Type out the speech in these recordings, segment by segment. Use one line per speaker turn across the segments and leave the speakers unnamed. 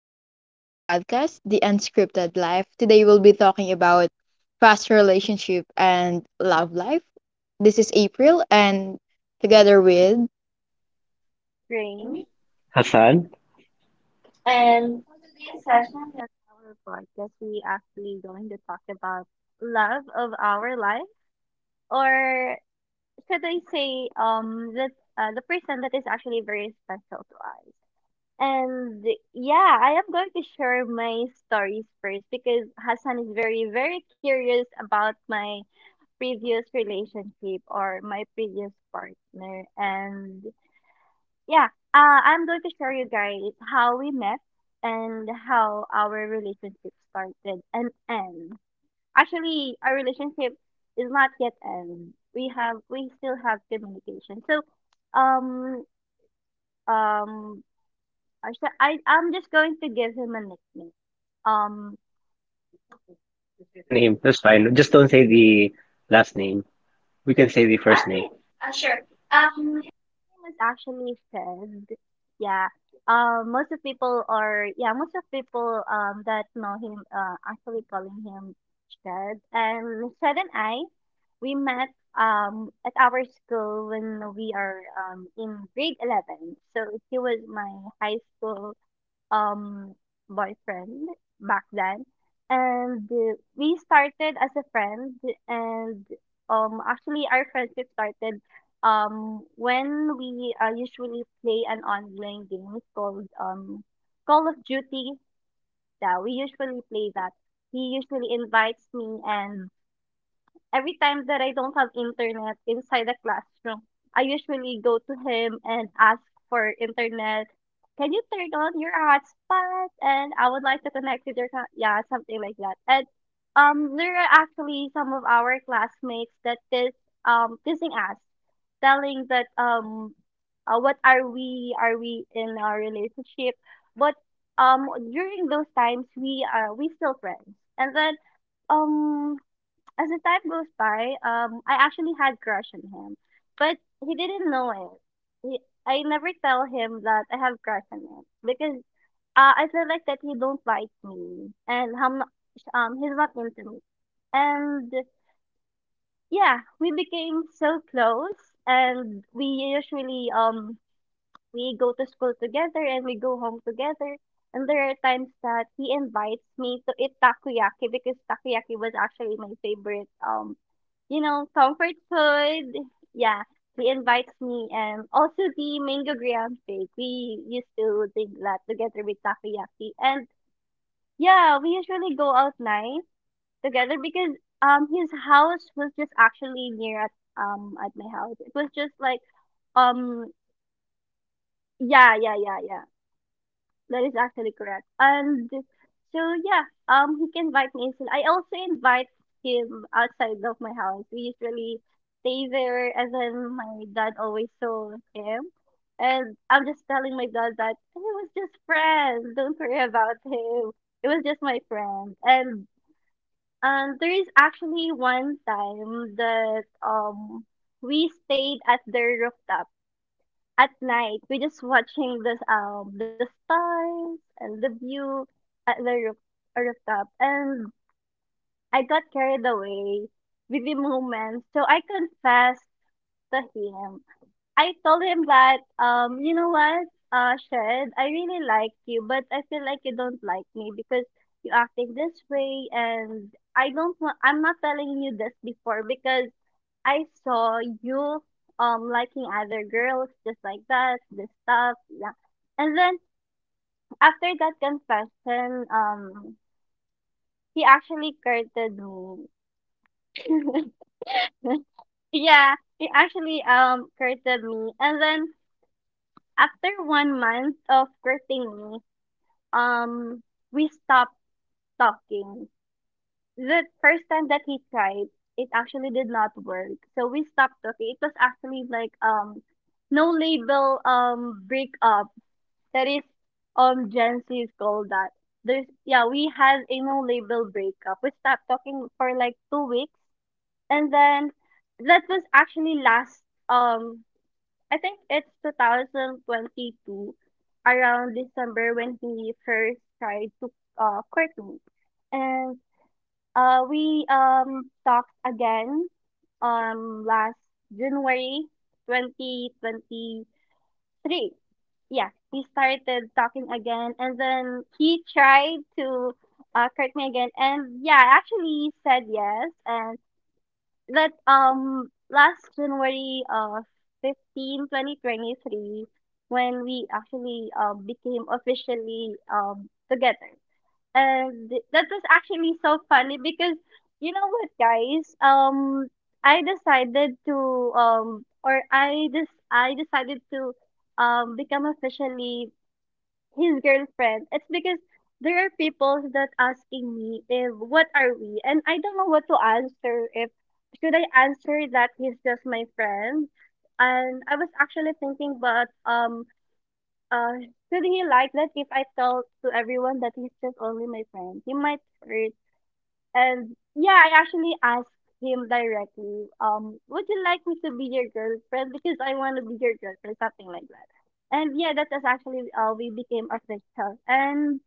Welcome to our podcast, The Unscripted Life. Today we'll be talking about past relationship and love life. This is April and together with
Rain.
Hassan?
And Sasha, as our podcast, we actually going to talk about love of our life, or should I say, that the person that is actually very special to us. And yeah, I am going to share my stories first because Hassan is very, very curious about my previous relationship or my previous partner. And yeah, uh, I'm going to share you guys how we met and how our relationship started and end. Actually, our relationship is not yet end. We still have communication. So, um, um, I sh- I I'm just going to give him a nickname. Um.
You can say the name. That's fine. Just don't say the last name. We can say the first name.
Yes. What Kim has actually said, yeah. Most of people are, yeah, most of people that know him actually calling him Shed. And Shed and I, we met at our school when we are in grade 11. So he was my high school um boyfriend back then and we started as a friend and actually our friendship started when we usually play an online game called Call of Duty. Yeah, we usually play that. He usually invites me, and every time that I don't have internet inside the classroom, I usually go to him and ask for internet. Can you turn on your hotspot? And I would like to connect with your, yeah, something like that. And there are actually some of our classmates that is teasing us, telling that what are we? Are we in a relationship? But during those times, we still friends. And then um as the time goes by, I actually had crush on him, but he didn't know it. I never tell him that I have crush on him because I feel like that he don't like me and I'm not, he's not into me. And yeah, we became so close and we usually we go to school together and we go home together. And there are times that he invites me to eat takoyaki because takoyaki was actually my favorite you know, comfort food. Yeah, he invites me and also the mango graham cake. We used to drink that together with takoyaki. And yeah, we usually go out night together because his house was just actually near at my house. It was just like um yeah, yeah, yeah, yeah. That is actually correct. And so yeah, he can invite me inside. I also invite him outside of my house. We usually stay there, and then my dad always saw him. And I'm just telling my dad that it was just friends. Don't worry about him. It was just my friend. And there is actually one time that we stayed at their rooftop at night. We just watching this the stars and the view at the roof, rooftop, and I got carried away with the moment, so I confessed to him. I told him that, you know what, Shed, I really like you, but I feel like you don't like me because you acting this way, and I don't want. I'm not telling you this before because I saw you liking other girls just like that, this stuff, yeah. And then after that confession, he actually courted me. Yeah, he actually courted me, and then after 1 month of courting me, um, we stopped talking. The first time that he tried, it actually did not work. So we stopped talking. It was actually like no label breakup. That is Gen Z called that. There's yeah, we had a no label breakup. We stopped talking for like 2 weeks, and then that was actually last um I think it's 2022, around December when he first tried to court me. And we talked again last January 2023. Yeah, we started talking again, and then he tried to court me again. And yeah, I actually said yes. And that last January of 15, 2023, when we actually became officially together. And that was actually so funny because you know what guys, I decided to or I decided to become officially his girlfriend. It's because there are people that asking me if what are we, and I don't know what to answer. If should I answer that he's just my friend, and I was actually thinking, but uh, should he like that if I tell to everyone that he's just only my friend? He might hurt, and yeah, I actually asked him directly, would you like me to be your girlfriend? Because I want to be your girlfriend, something like that. And yeah, that was actually we became official. And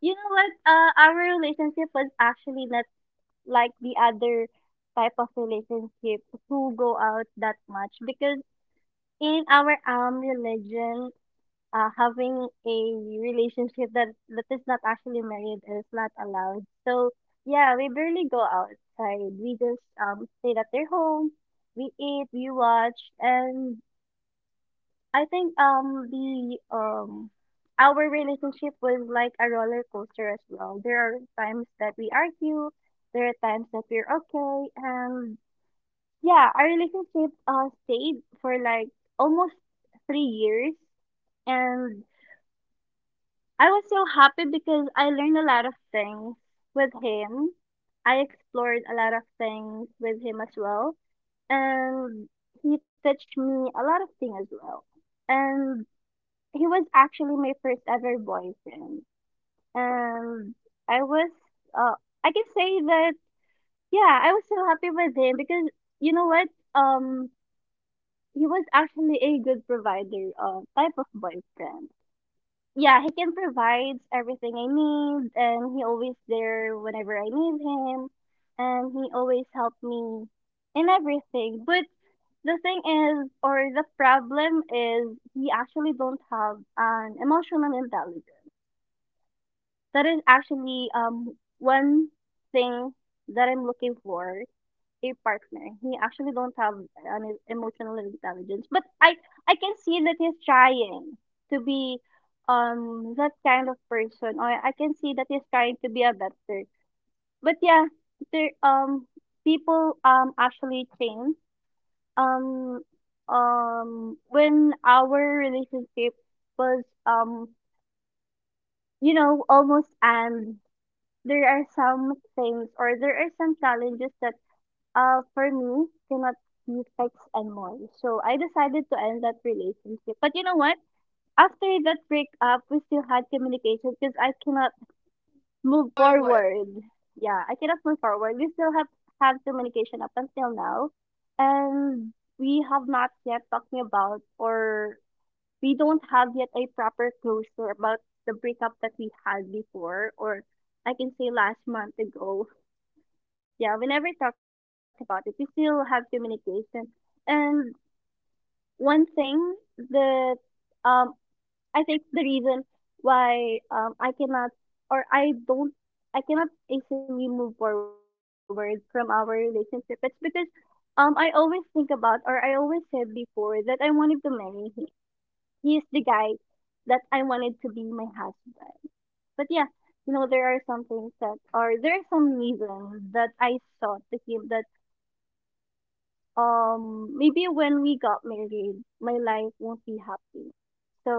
you know what? Our relationship was actually not like the other type of relationship who go out that much because in our religion having a relationship that is not actually married is not allowed. So yeah, we barely go outside. We just stay at their home. We eat, we watch, and I think the our relationship was like a roller coaster as well. There are times that we argue, there are times that we're okay, and yeah, our relationship stayed for like almost 3 years. And I was so happy because I learned a lot of things with him. I explored a lot of things with him as well. And he touched me a lot of things as well. And he was actually my first ever boyfriend. And I was, uh, I can say that, yeah, I was so happy with him because you know what? Um, he was actually a good provider, type of boyfriend. Yeah, he can provides everything I need, and he always there whenever I need him, and he always help me in everything. But the thing is, or the problem is, we actually don't have an emotional intelligence. That is actually one thing that I'm looking for a partner. He actually don't have an emotional intelligence, but I can see that he's trying to be that kind of person, or I can see that he's trying to be a better. But yeah, there people actually change um when our relationship was you know almost, and there are some things or there are some challenges that for me, cannot be text and more. So I decided to end that relationship. But you know what? After that breakup, we still had communication because I cannot move forward. Yeah, I cannot move forward. We still have communication up until now, and we have not yet talking about or we don't have yet a proper closure about the breakup that we had before, or I can say last month ago. Yeah, we never talked about it. We still have communication. And one thing that um I think the reason why I cannot or I don't I cannot easily move forward from our relationship. It's because I always think about or I always said before that I wanted to marry him. He is the guy that I wanted to be my husband. But yeah, you know, there are some things that or there are some reasons that I saw to him that maybe when we got married my life won't be happy, so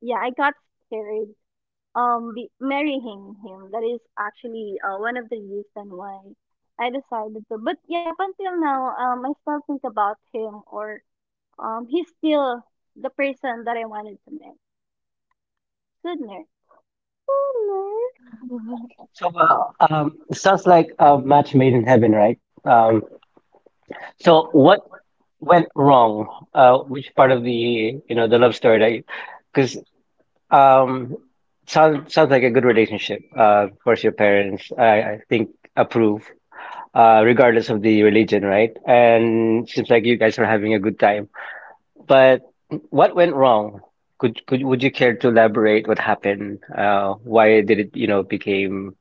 yeah, I got scared the, marrying him, that is actually one of the reason why I decided to. But yeah, up until now I still think about him or he's still the person that I wanted to marry sooner sooner.
Sounds like a match made in heaven, right? So what went wrong? Which part of the, the love story that because um, sounds like a good relationship. Of course, your parents, I think, approve, regardless of the religion, right? And seems like you guys are having a good time. But what went wrong? Could would you care to elaborate what happened? Why did it, you know, became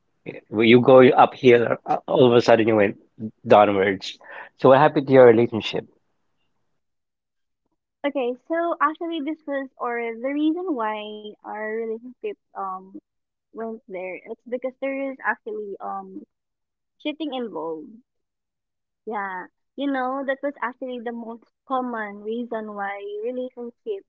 were you going uphill all of a sudden you went downwards? So what happened to your relationship?
Okay, so actually this was or the reason why our relationship went there, it's because there is actually cheating involved. Yeah. You know, that was actually the most common reason why relationships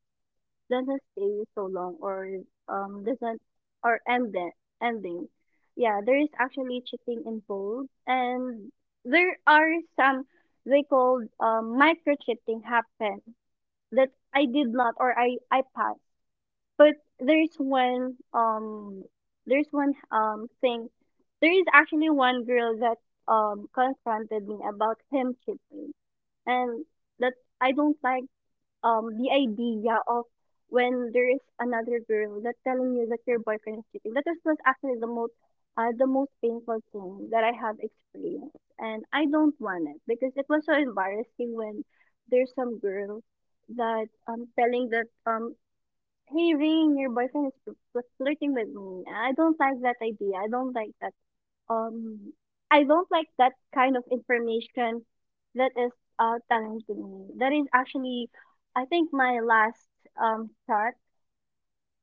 doesn't stay so long or doesn't or end it, ending. Yeah, there is actually cheating involved, and there are some they called micro cheating happen that I did not or I passed. But there's one um there's one thing. There is actually one girl that confronted me about him cheating, and that I don't like the idea of when there is another girl that telling you that your boyfriend is cheating. That is was actually the most painful thing that I have experienced, and I don't want it because it was so embarrassing when there's some girl that telling that hey Rain, your boyfriend is flirting with me. I don't like that idea. I don't like that. Um, I don't like that kind of information that is telling to me. That is actually, I think, my last thought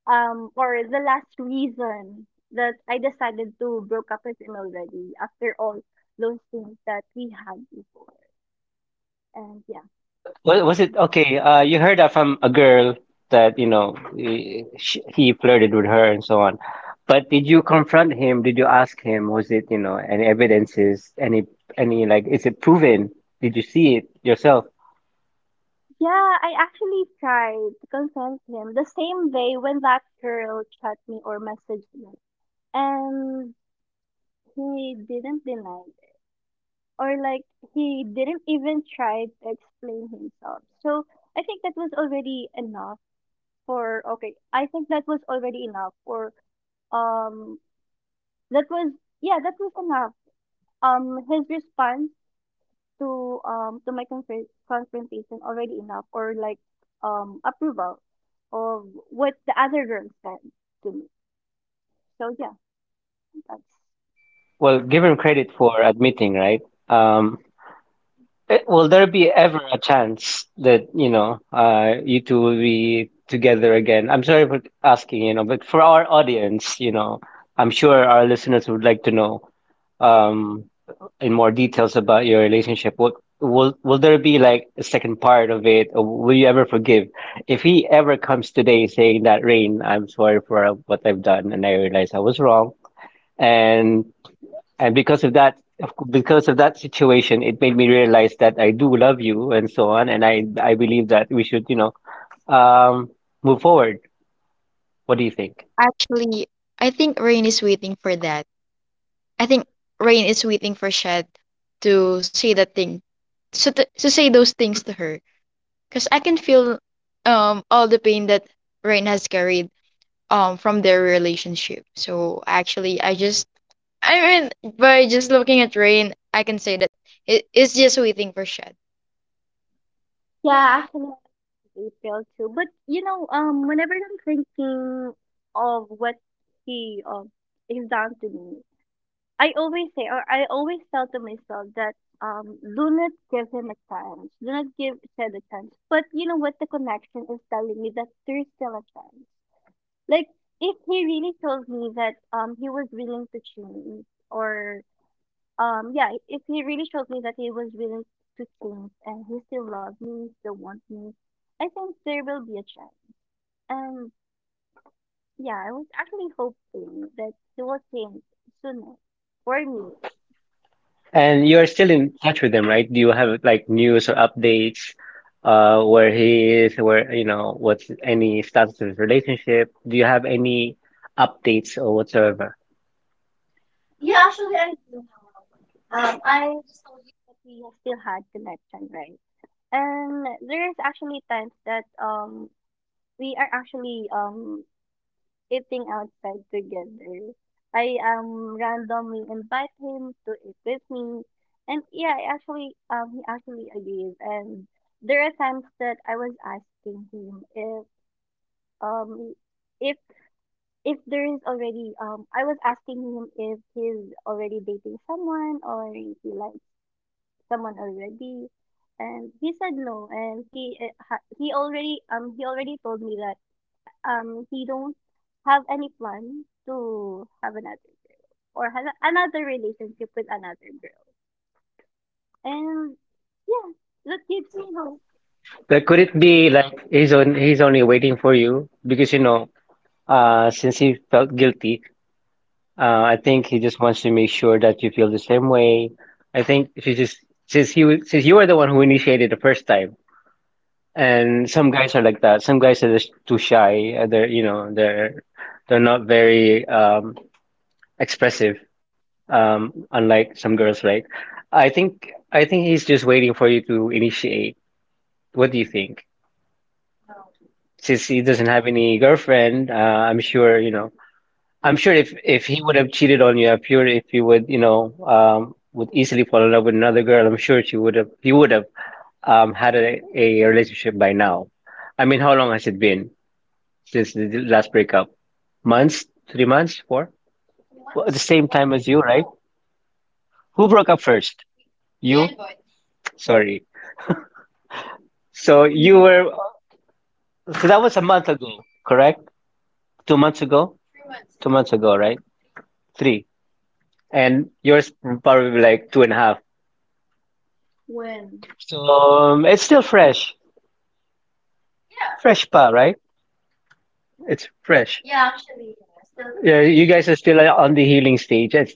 or the last reason that I decided to broke up with him already after all those things that we had before. And yeah.
But was it okay? You heard that from a girl that, you know, he flirted with her and so on. But did you confront him? Did you ask him? Was it, you know, any evidences? Any like is it proven? Did you see it yourself?
Yeah, I actually tried to confront him the same way when that girl chat me or messaged me. And he didn't deny it. Or like he didn't even try to explain himself. So I think that was already enough I think that was already enough for um that was yeah, that was enough. His response to my confrontation, already enough, or like approval of what the other girl said to me. So yeah, that's...
Well, give him credit for admitting, right? Um, will there be ever a chance that, you know, you two will be together again? I'm sorry for asking, you know, but for our audience, you know, I'm sure our listeners would like to know, um, in more details about your relationship. What will there be like a second part of it, or will you ever forgive? If he ever comes today saying that, "Rain, I'm sorry for what I've done, and I realize I was wrong, and because of that because of that situation, it made me realize that I do love you and so on, and I believe that we should, you know, um move forward." What do you think?
actually, I think Rain is waiting for that. I think Rain is waiting for Shad to say that thing, so to say those things to her, because I can feel all the pain that Rain has carried from their relationship. So actually, I mean by just looking at Rain, I can say that it is just waiting for Shad.
Yeah,
Yeah.
actually I feel too. But you know, whenever I'm thinking of what he um he's done to me, I always say, or I always tell to myself that do not give him a chance. Do not give Shed a chance. But you know what? The connection is telling me that there's still a chance. Like, if he really shows me that he was willing to change, or yeah, if he really shows me that he was willing to change and he still loves me, still wants me, I think there will be a chance. And yeah, I was actually hoping that he will change sooner for me.
And you're still in touch with him, right? Do you have like news or updates? Uh, where he is, where, you know, what's any status of his relationship? Do you have any updates or whatsoever?
Yeah, actually, I that we have still had connection, right? And there's actually times that we are actually eating outside together. I randomly invite him to eat with me, and yeah, I actually he actually agrees. And there are times that I was asking him if um if if there is already... I was asking him if he's already dating someone or if he likes someone already, and he said no, and he he already told me that he don't have any plan to have another or have another relationship with another girl. And yeah, that gives me hope.
Like, could it be like he's only waiting for you because, you know, uh, since he felt guilty. I think he just wants to make sure that you feel the same way. I think she just since you were the one who initiated the first time, and some guys are like that. Some guys are just too shy. They're, you know, they're not very expressive. Unlike some girls, right? I think he's just waiting for you to initiate. What do you think? Since he doesn't have any girlfriend, I'm sure, you know, I'm sure if he would have cheated on you, I'm sure if you would, you know, would easily fall in love with another girl, I'm sure he would have, had a relationship by now. I mean, how long has it been since the last breakup? Months? 3 months? Four? Well, at the same time as you, right? Who broke up first? You? Sorry. So
Mm.
you were, so that was a month ago, correct? 2 months ago? 2 months ago, right? Three. And yours probably like two and a half.
When
So it's still fresh. Fresh pa, right? It's fresh.
yeah,
Yeah, you guys are still on the healing stage. It's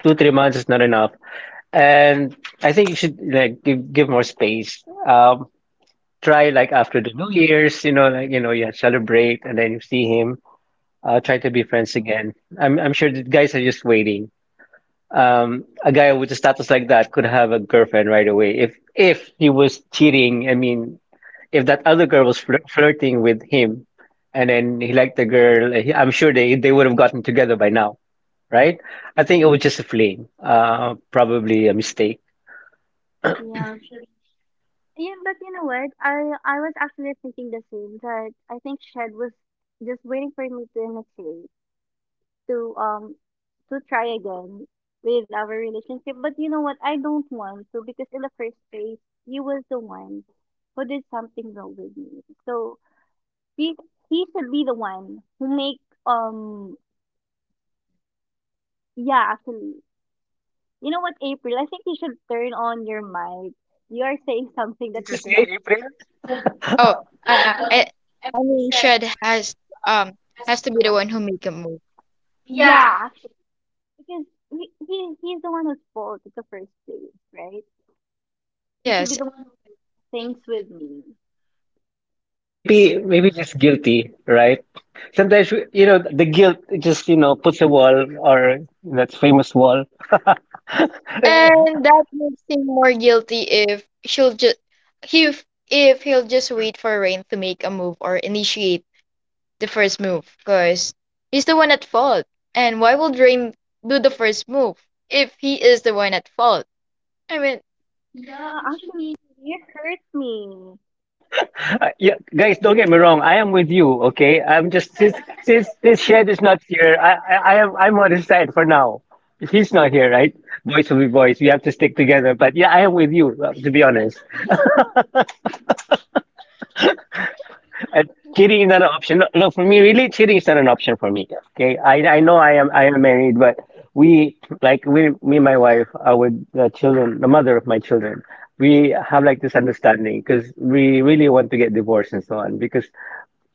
two, 3 months is not enough. And I think you should like give more space. Try like after the New Year's, you know, like, you know, you celebrate and then you see him. Try to be friends again. I'm sure the guys are just waiting. A guy with a status like that could have a girlfriend right away if he was cheating. I mean, if that other girl was flirting with him and then he liked the girl, eh, I'm sure they would have gotten together by now, right? I think it was just a fling, probably a mistake.
yeah. Yeah, but you know what? I was actually thinking the same, that I think Shed was just waiting for me to initiate, to um to try again with our relationship. But you know what? I don't want to, because in the first place, you was the one who did something wrong with me. So he he should be the one who make... um yeah, actually, you know what, April, I think you should turn on your mic. You are saying
Yeah, what
something that
did you
you
say,
cannot...
April?
Oh, uh, I I mean Shad um has to be the one who make a move. Yeah.
Yeah, actually, because he's the one who's fault at the first place, right? He should be
Yes,
the one who thinks with me.
Maybe
Yeah,
maybe just guilty, right? You know, the guilt just, you know, puts a wall or that famous wall.
and that makes him more guilty if she'll just if he'll just wait for Rain to make a move or initiate the first move, cause he's the one at fault. And why would Rain do the first move if he is the one at fault? I mean,
actually,
it
you hurt me.
Yeah, guys, don't get me wrong. I am with you. Okay, I'm just since this Shed is not here, I'm on his side for now. He's not here, right? Boys will be boys. We have to stick together. But yeah, I am with you. To be honest, uh, cheating is not an option. No, no, for me, really, cheating is not an option for me. Okay, I know I am married, but we like we me and my wife are with the children, the mother of my children. We have like this understanding because we really want to get divorced and so on because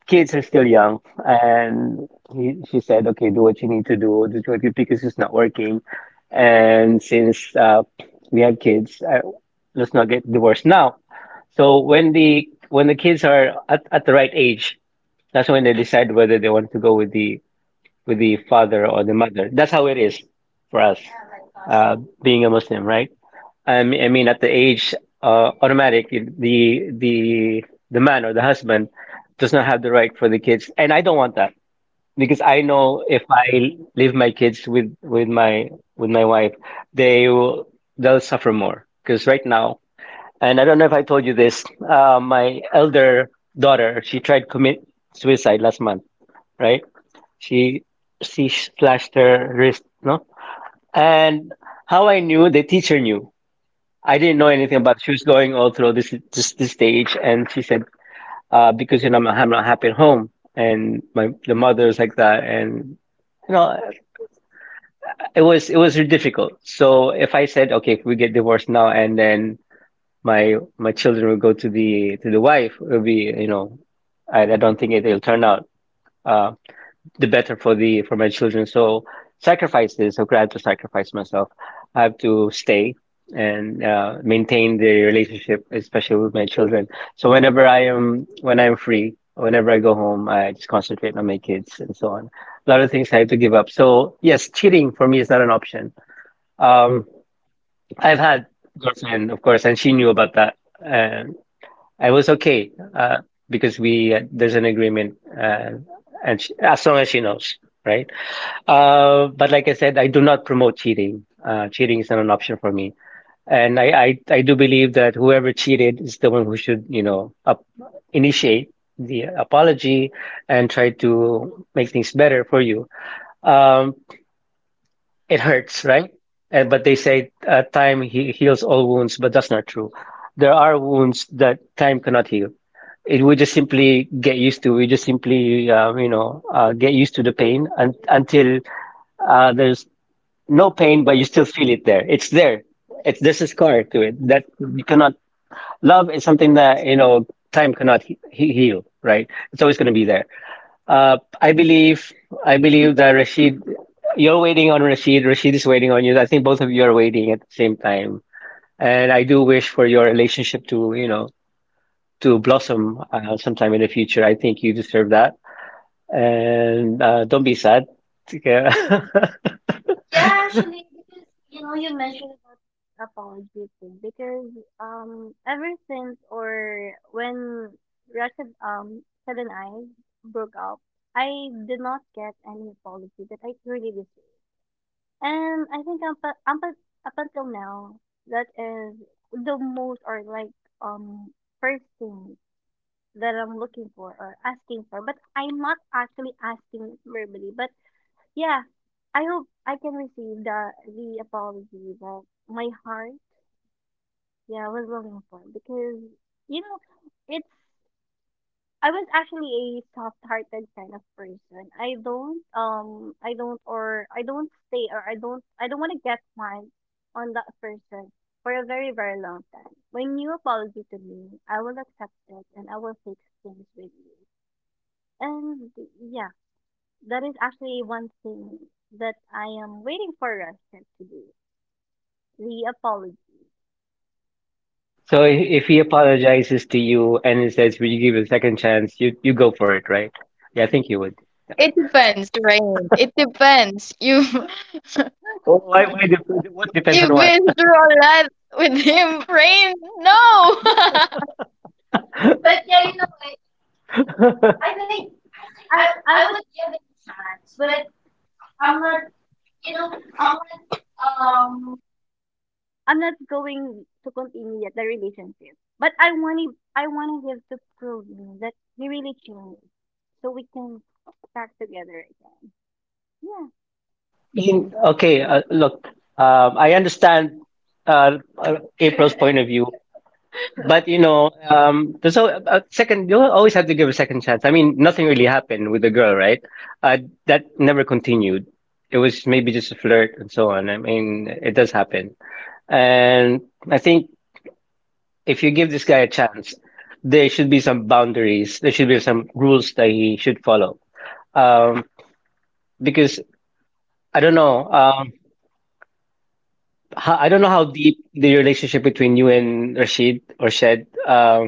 kids are still young, and she said, "Okay, do what you need to do, do what you," because it's not working. And since we have kids let's not get divorced now, so when the kids are at the right age, that's when they decide whether they want to go with the father or the mother. That's how it is for us, uh, being a Muslim, right? At the age, automatic, the man or the husband does not have the right for the kids, and I don't want that, because I know if I leave my kids with my wife, they will they'll suffer more because right now, and I don't know if I told you this, my elder daughter, she tried commit suicide last month, right? She she slashed her wrist, no, and how I knew the teacher knew. I didn't know anything about she was going all through this stage, and she said, "Because you know I'm, I not happy at home, and my the mother is like that, and you know," it was really difficult. So if I said, okay, if we get divorced now, and then my children will go to the wife, it'll be, you know, I don't think it, it'll turn out. Uh, the better for the for my children. So sacrifice this. So I had to sacrifice myself. I have to stay and maintain the relationship, especially with my children. So whenever I am when I'm free, whenever I go home, I just concentrate on my kids and so on. A lot of things I have to give up. So yes, cheating for me is not an option. Um, I've had a girlfriend, of course, and she knew about that. And I was okay because we there's an agreement, uh, and she, as long as she knows, right? But like I said, I do not promote cheating. Cheating is not an option for me. And I do believe that whoever cheated is the one who should, you know, initiate the apology and try to make things better for you. Um, it hurts, right? And, but they say time he heals all wounds, but that's not true. There are wounds that time cannot heal. It We just simply get used to. We just simply, you know, get used to the pain un until there's no pain, but you still feel it there. It's there. It's there's a scar to it that you cannot. Love is something that, you know, time cannot heal. Right? It's always going to be there. I believe. I believe that Rashid, you're waiting on Rashid. Rashid is waiting on you. I think both of you are waiting at the same time. And I do wish for your relationship to, you know, to blossom sometime in the future. I think you deserve that. And don't be sad. Okay.
Yeah. You know, you mentioned about apology thing, because ever since, or when Rashid, Ted, and I broke up, I did not get any apology that I truly deserve. And I think up until now, that is the most, or like um first thing that I'm looking for or asking for. But I'm not actually asking it verbally, but yeah, I hope I can receive the apology that my heart, yeah, was longing for, because you know, it's... I was actually a soft-hearted kind of person. I don't or I don't stay or I don't want to get mad on that person for a very, very long time. When you apologize to me, I will accept it and I will fix things with you. And yeah. That is actually one thing that I am waiting for Russia to do. The apology.
So if he apologizes to you and he says, "Will you give it a second chance?" You go for it, right? Yeah, I think you would.
depends, Rain. It depends. You've
Well, why? What depends on
you've
what?
been through a lot with him, Rain. No.
But then, I think I would, but I'm not. I'm uh, I'm not going to continue yet the relationship. But I want him. I want him to prove me that he really changed, so we can back together again. Yeah,
In, okay, look, I understand April's point of view, but you know, there's so second. You always have to give a second chance. I mean, nothing really happened with the girl, right? Uh, that never continued. It was maybe just a flirt and so on. I mean, it does happen, and I think, if you give this guy a chance, there should be some boundaries. There should be some rules that he should follow. Um, because I don't know, I don't know how deep the relationship between you and Rashid or Shed.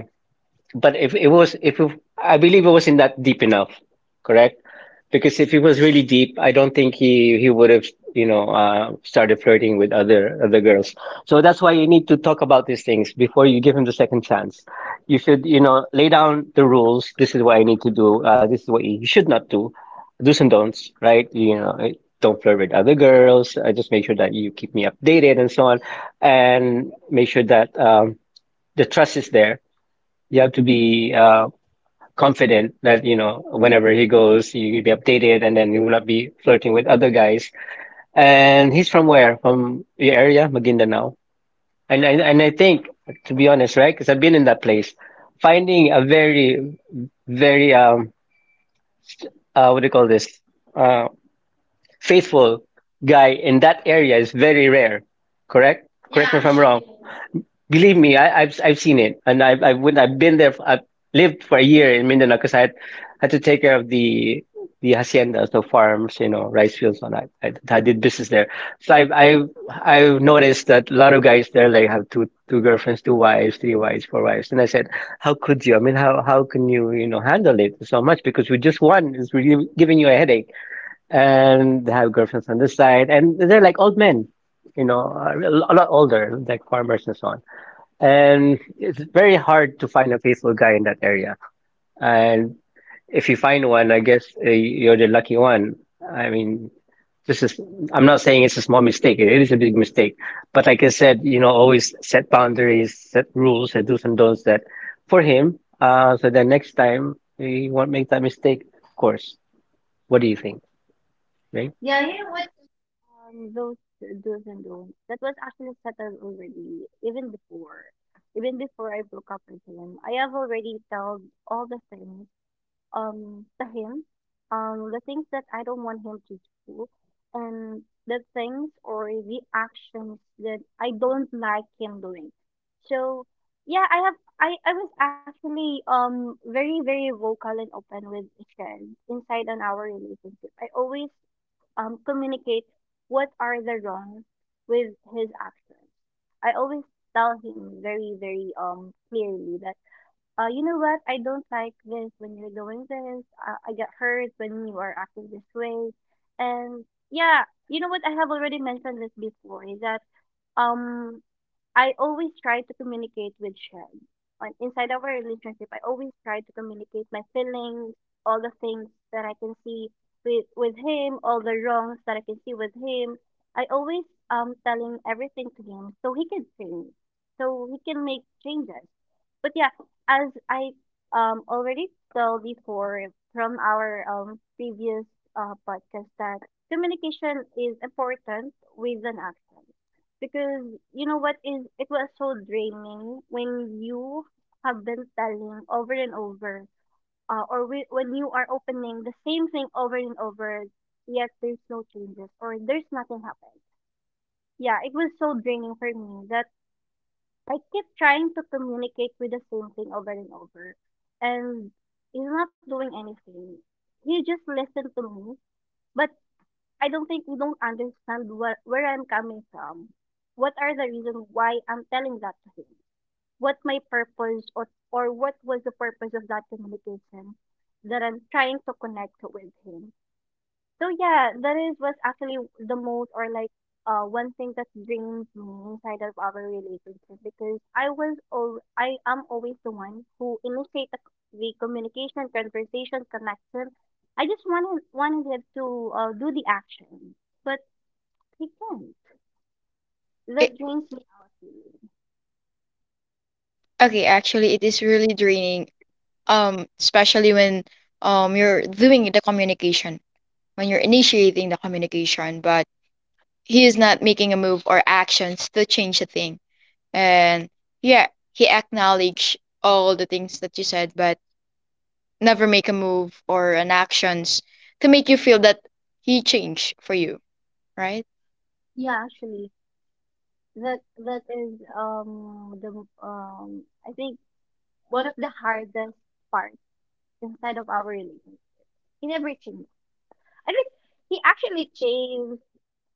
But if it if it, I believe it wasn't that deep enough, correct? Because if it was really deep, I don't think he would have, started flirting with other girls. So that's why you need to talk about these things before you give him the second chance. You should, you know, lay down the rules. This is what I need to do. This is what you should not do. Do's and don'ts, right? Don't flirt with other girls. Just make sure that you keep me updated and so on, and make sure that the trust is there. You have to be confident that you know whenever he goes, you will be updated, and then you will not be flirting with other guys. And he's from where? From your area, Maguindanao. And I think, to be honest, right? Because I've been in that place, finding a very very what do you call this uh faithful guy in that area is very rare. Correct? Correct me if I'm wrong. Believe me, I've seen it, and I've been there. I've lived for a year in Mindanao because had to take care of the haciendas, the farms, you know, rice fields, and I did business there. So I've noticed that a lot of guys there like have two girlfriends, two wives, three wives, four wives, and I said, how could you? I mean, how can you, you know, handle it so much? Because with just one is really giving you a headache, and they have girlfriends on this side, and they're like old men, you know, a lot older, like farmers and so on. And it's very hard to find a faithful guy in that area. And if you find one, I guess you're the lucky one. I mean, this is, I'm not saying it's a small mistake. It is a big mistake. But like I said, you know, always set boundaries, set rules, and do's and don'ts that for him. So then next time he won't make that mistake, of course. What do you think? Right?
yeah, yeah. Those do's and don'ts. That was actually settled already, even before I broke up with him. I have already told all the things, to him, the things that I don't want him to do, and the things or the actions that I don't like him doing. So, yeah, I have, I was actually, very, very vocal and open with Shen inside on our relationship. I always communicate what are the wrong with his actions. I always tell him very, very clearly that, you know what, I don't like this when you're doing this. I get hurt when you are acting this way, and yeah, you know what, I have already mentioned this before, is that um I always try to communicate with Shed. On inside of our relationship, I always try to communicate my feelings, all the things that I can see with him, all the wrongs that I can see with him. I always telling everything to him so he can change, so he can make changes. But yeah, as I already told before from our previous podcast, that communication is important with an action, because you know what is, it was so draining when you have been telling over and over or we, when you are opening the same thing over and over, yet there's no changes or there's nothing happened. Yeah, it was so draining for me, that I keep trying to communicate with the same thing over and over, and he's not doing anything. He just listened to me, but I don't think... you don't understand where I'm coming from. What are the reasons why I'm telling that to him? What my purpose, or what was the purpose of that communication that I'm trying to connect with him? So yeah, that is what's actually the most, or like one thing that brings me inside of our relationship, because I am always the one who initiate the communication, conversation, connection. I just wanted him to, do the action, but he can't.
It-
That drains me out. Really.
okay, actually, it is really draining especially when you're doing the communication when you're initiating the communication, but he is not making a move or actions to change the thing. And yeah, he acknowledged all the things that you said, but never make a move or an actions to make you feel that he changed for you, right?
Yeah, actually, that is the I think one of the hardest parts inside of our relationship. In everything, I think he actually stays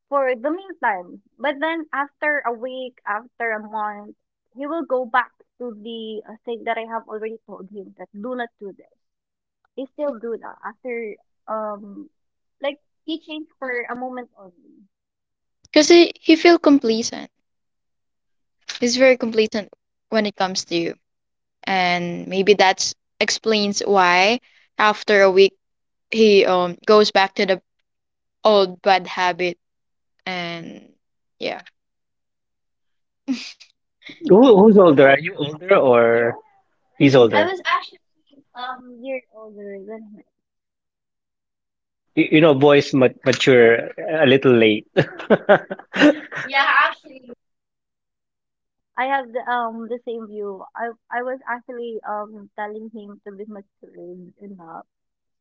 for the meantime. But then after a week, after a month, he will go back to the, thing that I have already told him that do not do this. He still do that after um like he changed for a moment only.
Because he feel complacent. He's very complacent when it comes to you, and maybe that explains why after a week he goes back to the old bad habit. And yeah,
Who's older? Are you older or he's
I
older?
was year older than
You know, mature a little late.
him. I have the same view. I was actually telling him to be mature enough,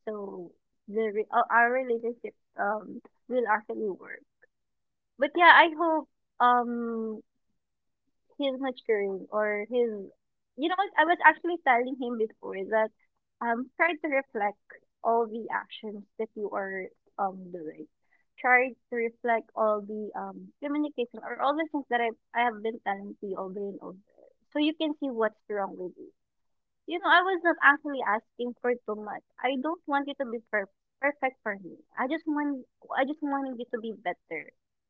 so our relationship will actually work. But yeah, I hope um he's maturing, or he's... You know what, I was actually telling him before that try to reflect all the actions that you are doing. Try to reflect all the communication or all the things that I have been telling to you over and over, so you can see what's wrong with you. You know, I was not actually asking for too much. I don't want you to be perfect for me. I just wanted you to be better,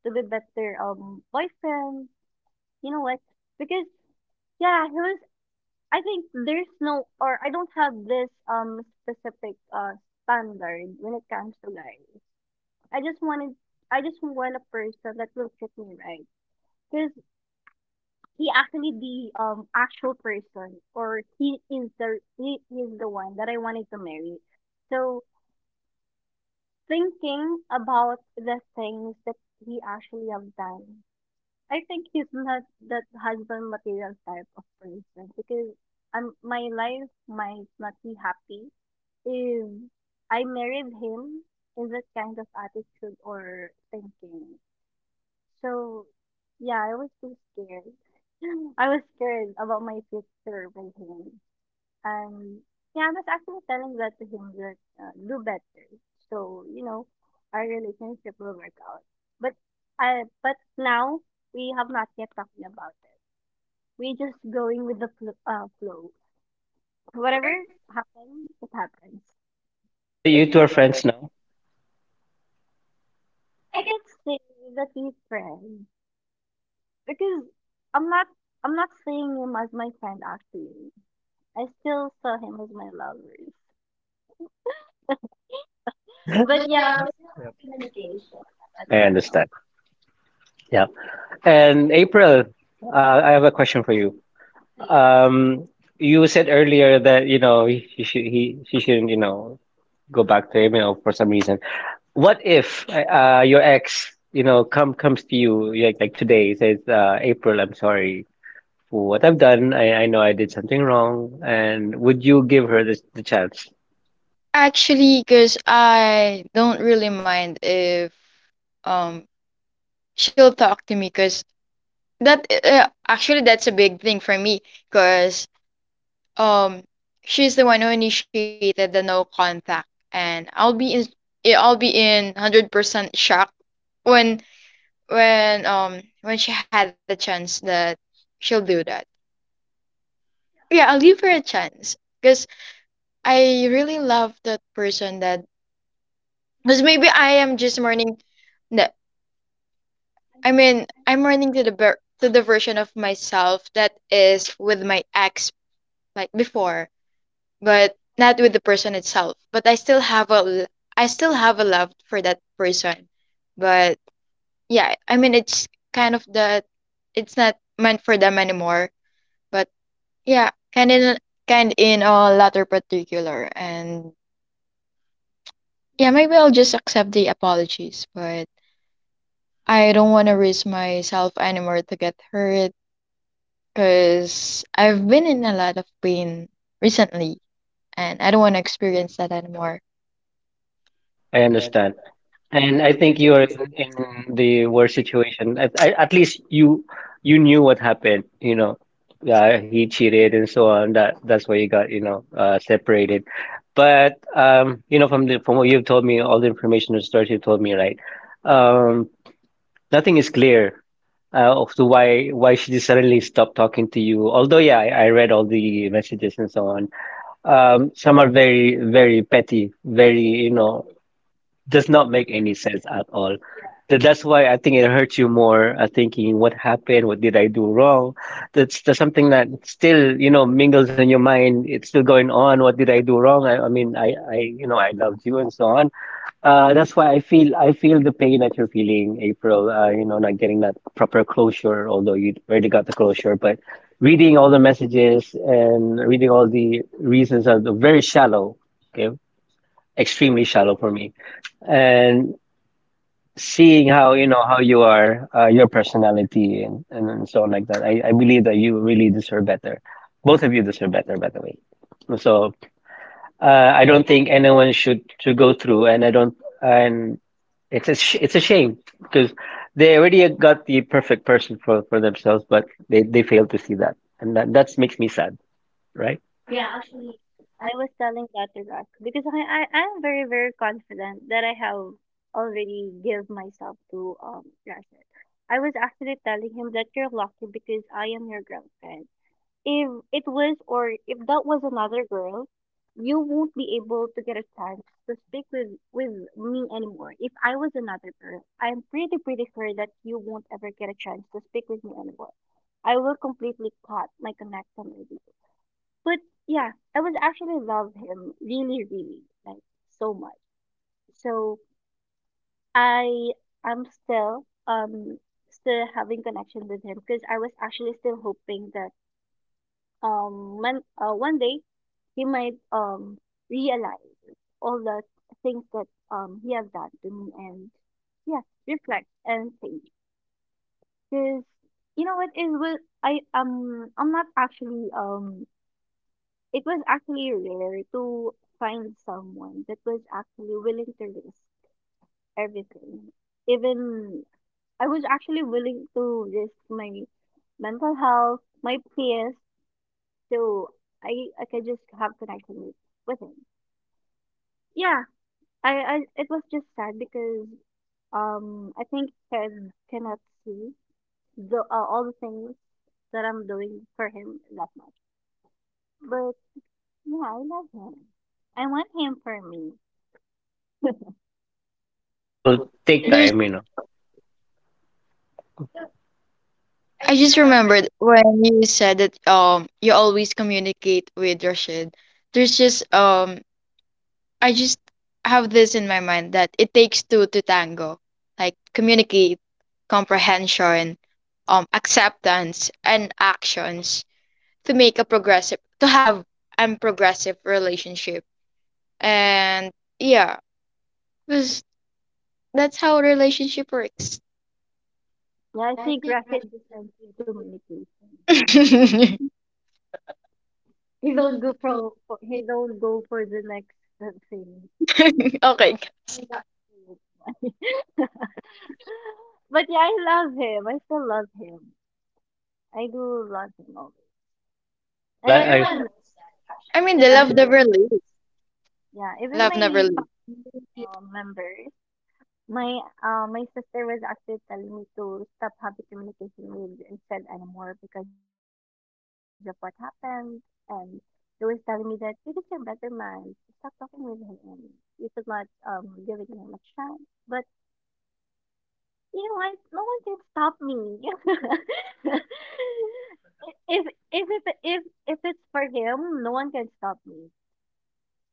to be better boyfriend. You know what, because yeah, he was. I think there's no, or I don't have this specific standard when it comes to guys. I just wanted, I just want a person that looks at me right, because he actually the actual person, or he is the one that I wanted to marry. So thinking about the things that he actually have done, I think he's not that husband material type of person, because my life might not be happy if I married him in that kind of attitude or thinking. So, yeah, I was too scared. I was scared about my future with him. And yeah, I was actually telling that to him that, do better. So, you know, our relationship will work out. But I... but now we have not yet talking about it. We're just going with the flow. Whatever
whatever.
happens, it happens.
But you two are friends now.
I can say that we friends, because I'm not I'm not seeing him as my friend actually. I still saw him as my lovers. But
But
yeah,
yeah,
we still have communication up
I
until now.
understand. Yeah. And April, uh, I have a question for you. Um, you said earlier that, you know, she shouldn't, you know, go back to him, you know, for some reason. What if your ex, you know, comes to you like today, says, April, I'm sorry for what I've done. I know I did something wrong. And would you give her this, the chance?
actually because I don't really mind if um she'll talk to me, because that actually that's a big thing for me because Um, she's the one who initiated the no contact, and I'll be in I'll be in 100% shock when when she had a chance that she'll do that. Yeah, I'll give her a chance because I really love that person. That, because maybe I am just mourning that. I mean, I'm mourning to the to the version of myself that is with my ex like before, but not with the person itself. But I still have a love for that person. But yeah, I mean it's kind of that it's not meant for them anymore. But yeah, kind in a latter particular, and yeah, maybe I'll just accept the apologies, but I don't want to risk myself anymore to get hurt because I've been in a lot of pain recently, and I don't want to experience that anymore.
I understand. And I think you were in the worst situation. At least you you knew what happened. You know, yeah, he cheated and so on. That that's why you got, you know, separated. But you know, from the from what you've told me, all the information and stories you've told me, right? Um, Nothing is clear of the why she just suddenly stopped talking to you. Although, yeah, I read all the messages and so on. Some are very petty, very, you know, does not make any sense at all. That's why I think it hurts you more. Thinking what happened, what did I do wrong? That's something that still, you know, mingles in your mind. It's still going on. What did I do wrong? I mean, I, you know, I loved you and so on. That's why I feel the pain that you're feeling, April. You know, not getting that proper closure, although you already got the closure, but reading all the messages and reading all the reasons are very shallow. Okay, extremely shallow for me, and seeing how you know how you are, your personality, and so on like that. I believe that you really deserve better. Both of you deserve better, by the way. So uh, I don't think anyone should to go through, and I don't and it's a sh it's a shame because they already got the perfect person for themselves, but they fail to see that, and that that makes me sad, right?
Yeah, actually, I was telling that to Rock because, I, I'm very, very confident that I have already give myself to, um, Rashid. I was actually telling him that you're lucky because I am your girlfriend. If it was, or if that was another girl, you won't be able to get a chance to speak with me anymore. If I was another girl, I'm pretty, pretty sure that you won't ever get a chance to speak with me anymore. I will completely cut my connection with you, but yeah, I was actually love him really, really, like, so much. So I am still still having connection with him because I was actually still hoping that when one day he might realize all the things that he have done to me and yeah reflect and think because you know what is what I I'm not actually it was actually rare to find someone that was actually willing to risk everything. Even I was actually willing to risk my mental health, my peace, so I I could just have connection with him. Yeah, I it was just sad because I think Ken cannot see the all the things that I'm doing for him that much. But yeah, I love him. I want him for me.
Uh, will take time, you know.
I just remembered when you said that you always communicate with Rashid. There's just I just have this in my mind that it takes two to tango, like communicate, comprehension, acceptance and actions to make a progressive to have a progressive relationship. And yeah, 'cause that's how a relationship works.
Yeah, I think Rafael just answers communication only. He don't go for the next thing.
Okay.
So, but yeah, I love him. I still love him. I do love him always.
Well,
And
I
everyone,
I mean, the love
even
yeah.
never leaves.
yeah,
Love
even
never leaves.
members. My my sister was actually telling me to stop having communication with instead anymore because of what happened, and they was telling me that you deserve better, man. Stop talking with him. You should not giving him a chance. But you know what? No one can stop me. if if it if if it's for him, no one can stop me.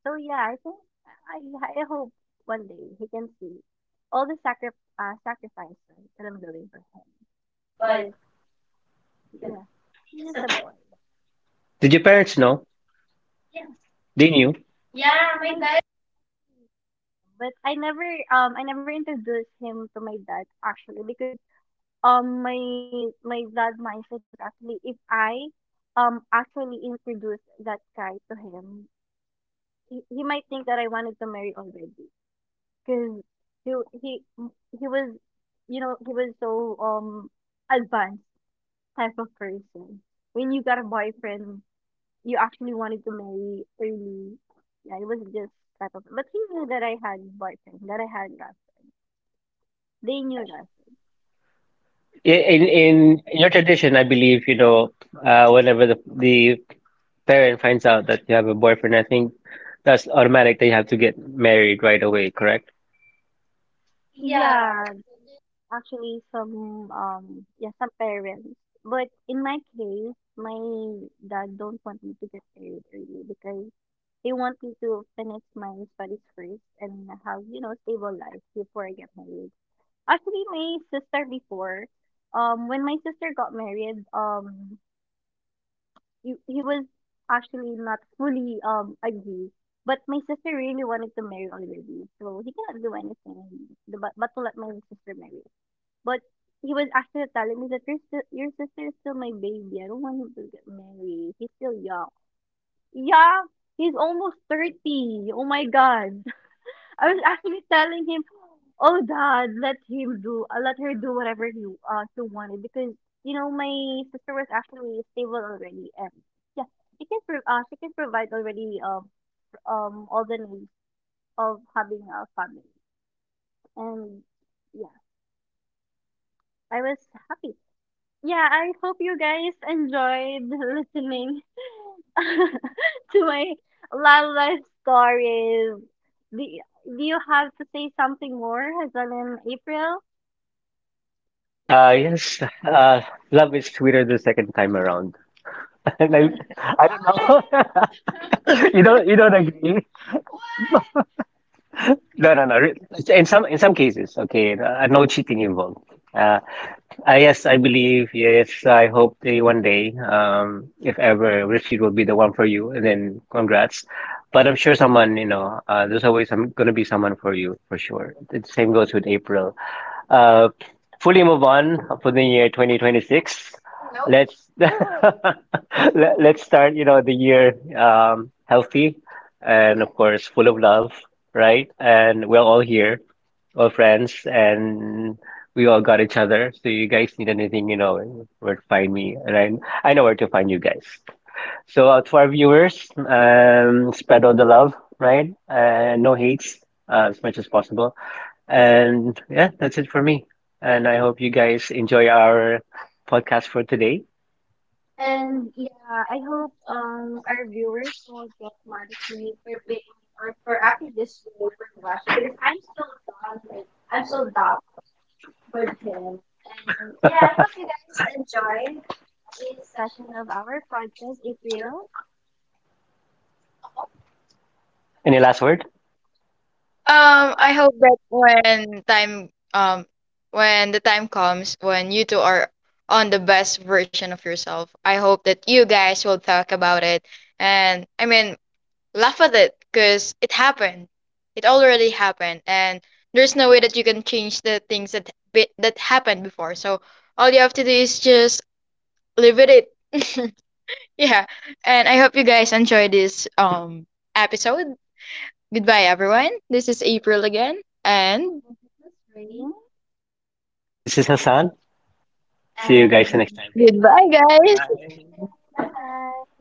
So yeah, I think I yeah, I hope one day he can see all the sacrifices that I'm doing for him. But yeah, he's just a boy.
Did your parents know? They knew.
Ah, my dad. But I never introduced him to my dad actually because my dad mindset was actually if I actually introduced that guy to him, he might think that I wanted to marry already. 'Cause he he he was, you know, he was so, um, advanced type of person. When you got a boyfriend, you actually wanted to marry early. Yeah, it was this type of, but he knew that I had boyfriend, that I had girlfriend. They knew that.
I- in your tradition, I believe, you know, whenever the parent finds out that you have a boyfriend, I think that's automatic that you have to get married right away, correct?
Yeah. Actually, some parents. But in my case, my dad don't want me to get married early because they want me to finish my studies first and have, you know, stable life before I get married. Actually, my sister before, when my sister got married, he was actually not fully agree. But my sister really wanted to marry already, so he cannot do anything but to let my sister marry. But he was actually telling me that your, your sister is still my baby. I don't want him to get married. He's still young. Yeah, he's almost 30. Oh my God. I was actually telling him, oh dad, let him do, let her do whatever she wanted because, you know, my sister was actually stable already. And yeah, she can provide already, all the needs of having a family. And yeah, I was happy. Yeah, I hope you guys enjoyed listening to my love life stories. Do, do you have to say something more, Hazel in April?
Yes, love is sweeter the second time around. And I don't know. You don't, you don't agree? No, no, no. It's in some cases, okay, no cheating involved. Yes, I believe. Yes, I hope they one day, if ever, Richie will be the one for you, and then congrats. But I'm sure someone, you know, there's always, some, gonna be someone for you for sure. The same goes with April. Uh, Fully move on for the year 2026. Let's let, let's start, you know, the year healthy and of course full of love, right? And we're all here, all friends, and we all got each other. So you guys need anything, you know, where to find me, and I know where to find you guys. So to our viewers, spread all the love, right? No hates, as much as possible. And yeah, that's it for me. And I hope you guys enjoy our podcast for today.
And yeah, I hope our viewers won't get mad at me for or for acting this rush because I'm so down with him. And yeah, I hope you enjoyed the session of our podcast, April.
Any last word?
I hope that when time, when the time comes, when you two are on the best version of yourself, I hope that you guys will talk about it and, I mean, laugh at it because it happened. It already happened, and there's no way that you can change the things that that happened before. So all you have to do is just live with it. Yeah, and I hope you guys enjoy this episode. Goodbye, everyone. This is April again, and
Okay,
This is Hassan. See you
and
guys next time.
goodbye, guys.
Bye.
bye bye.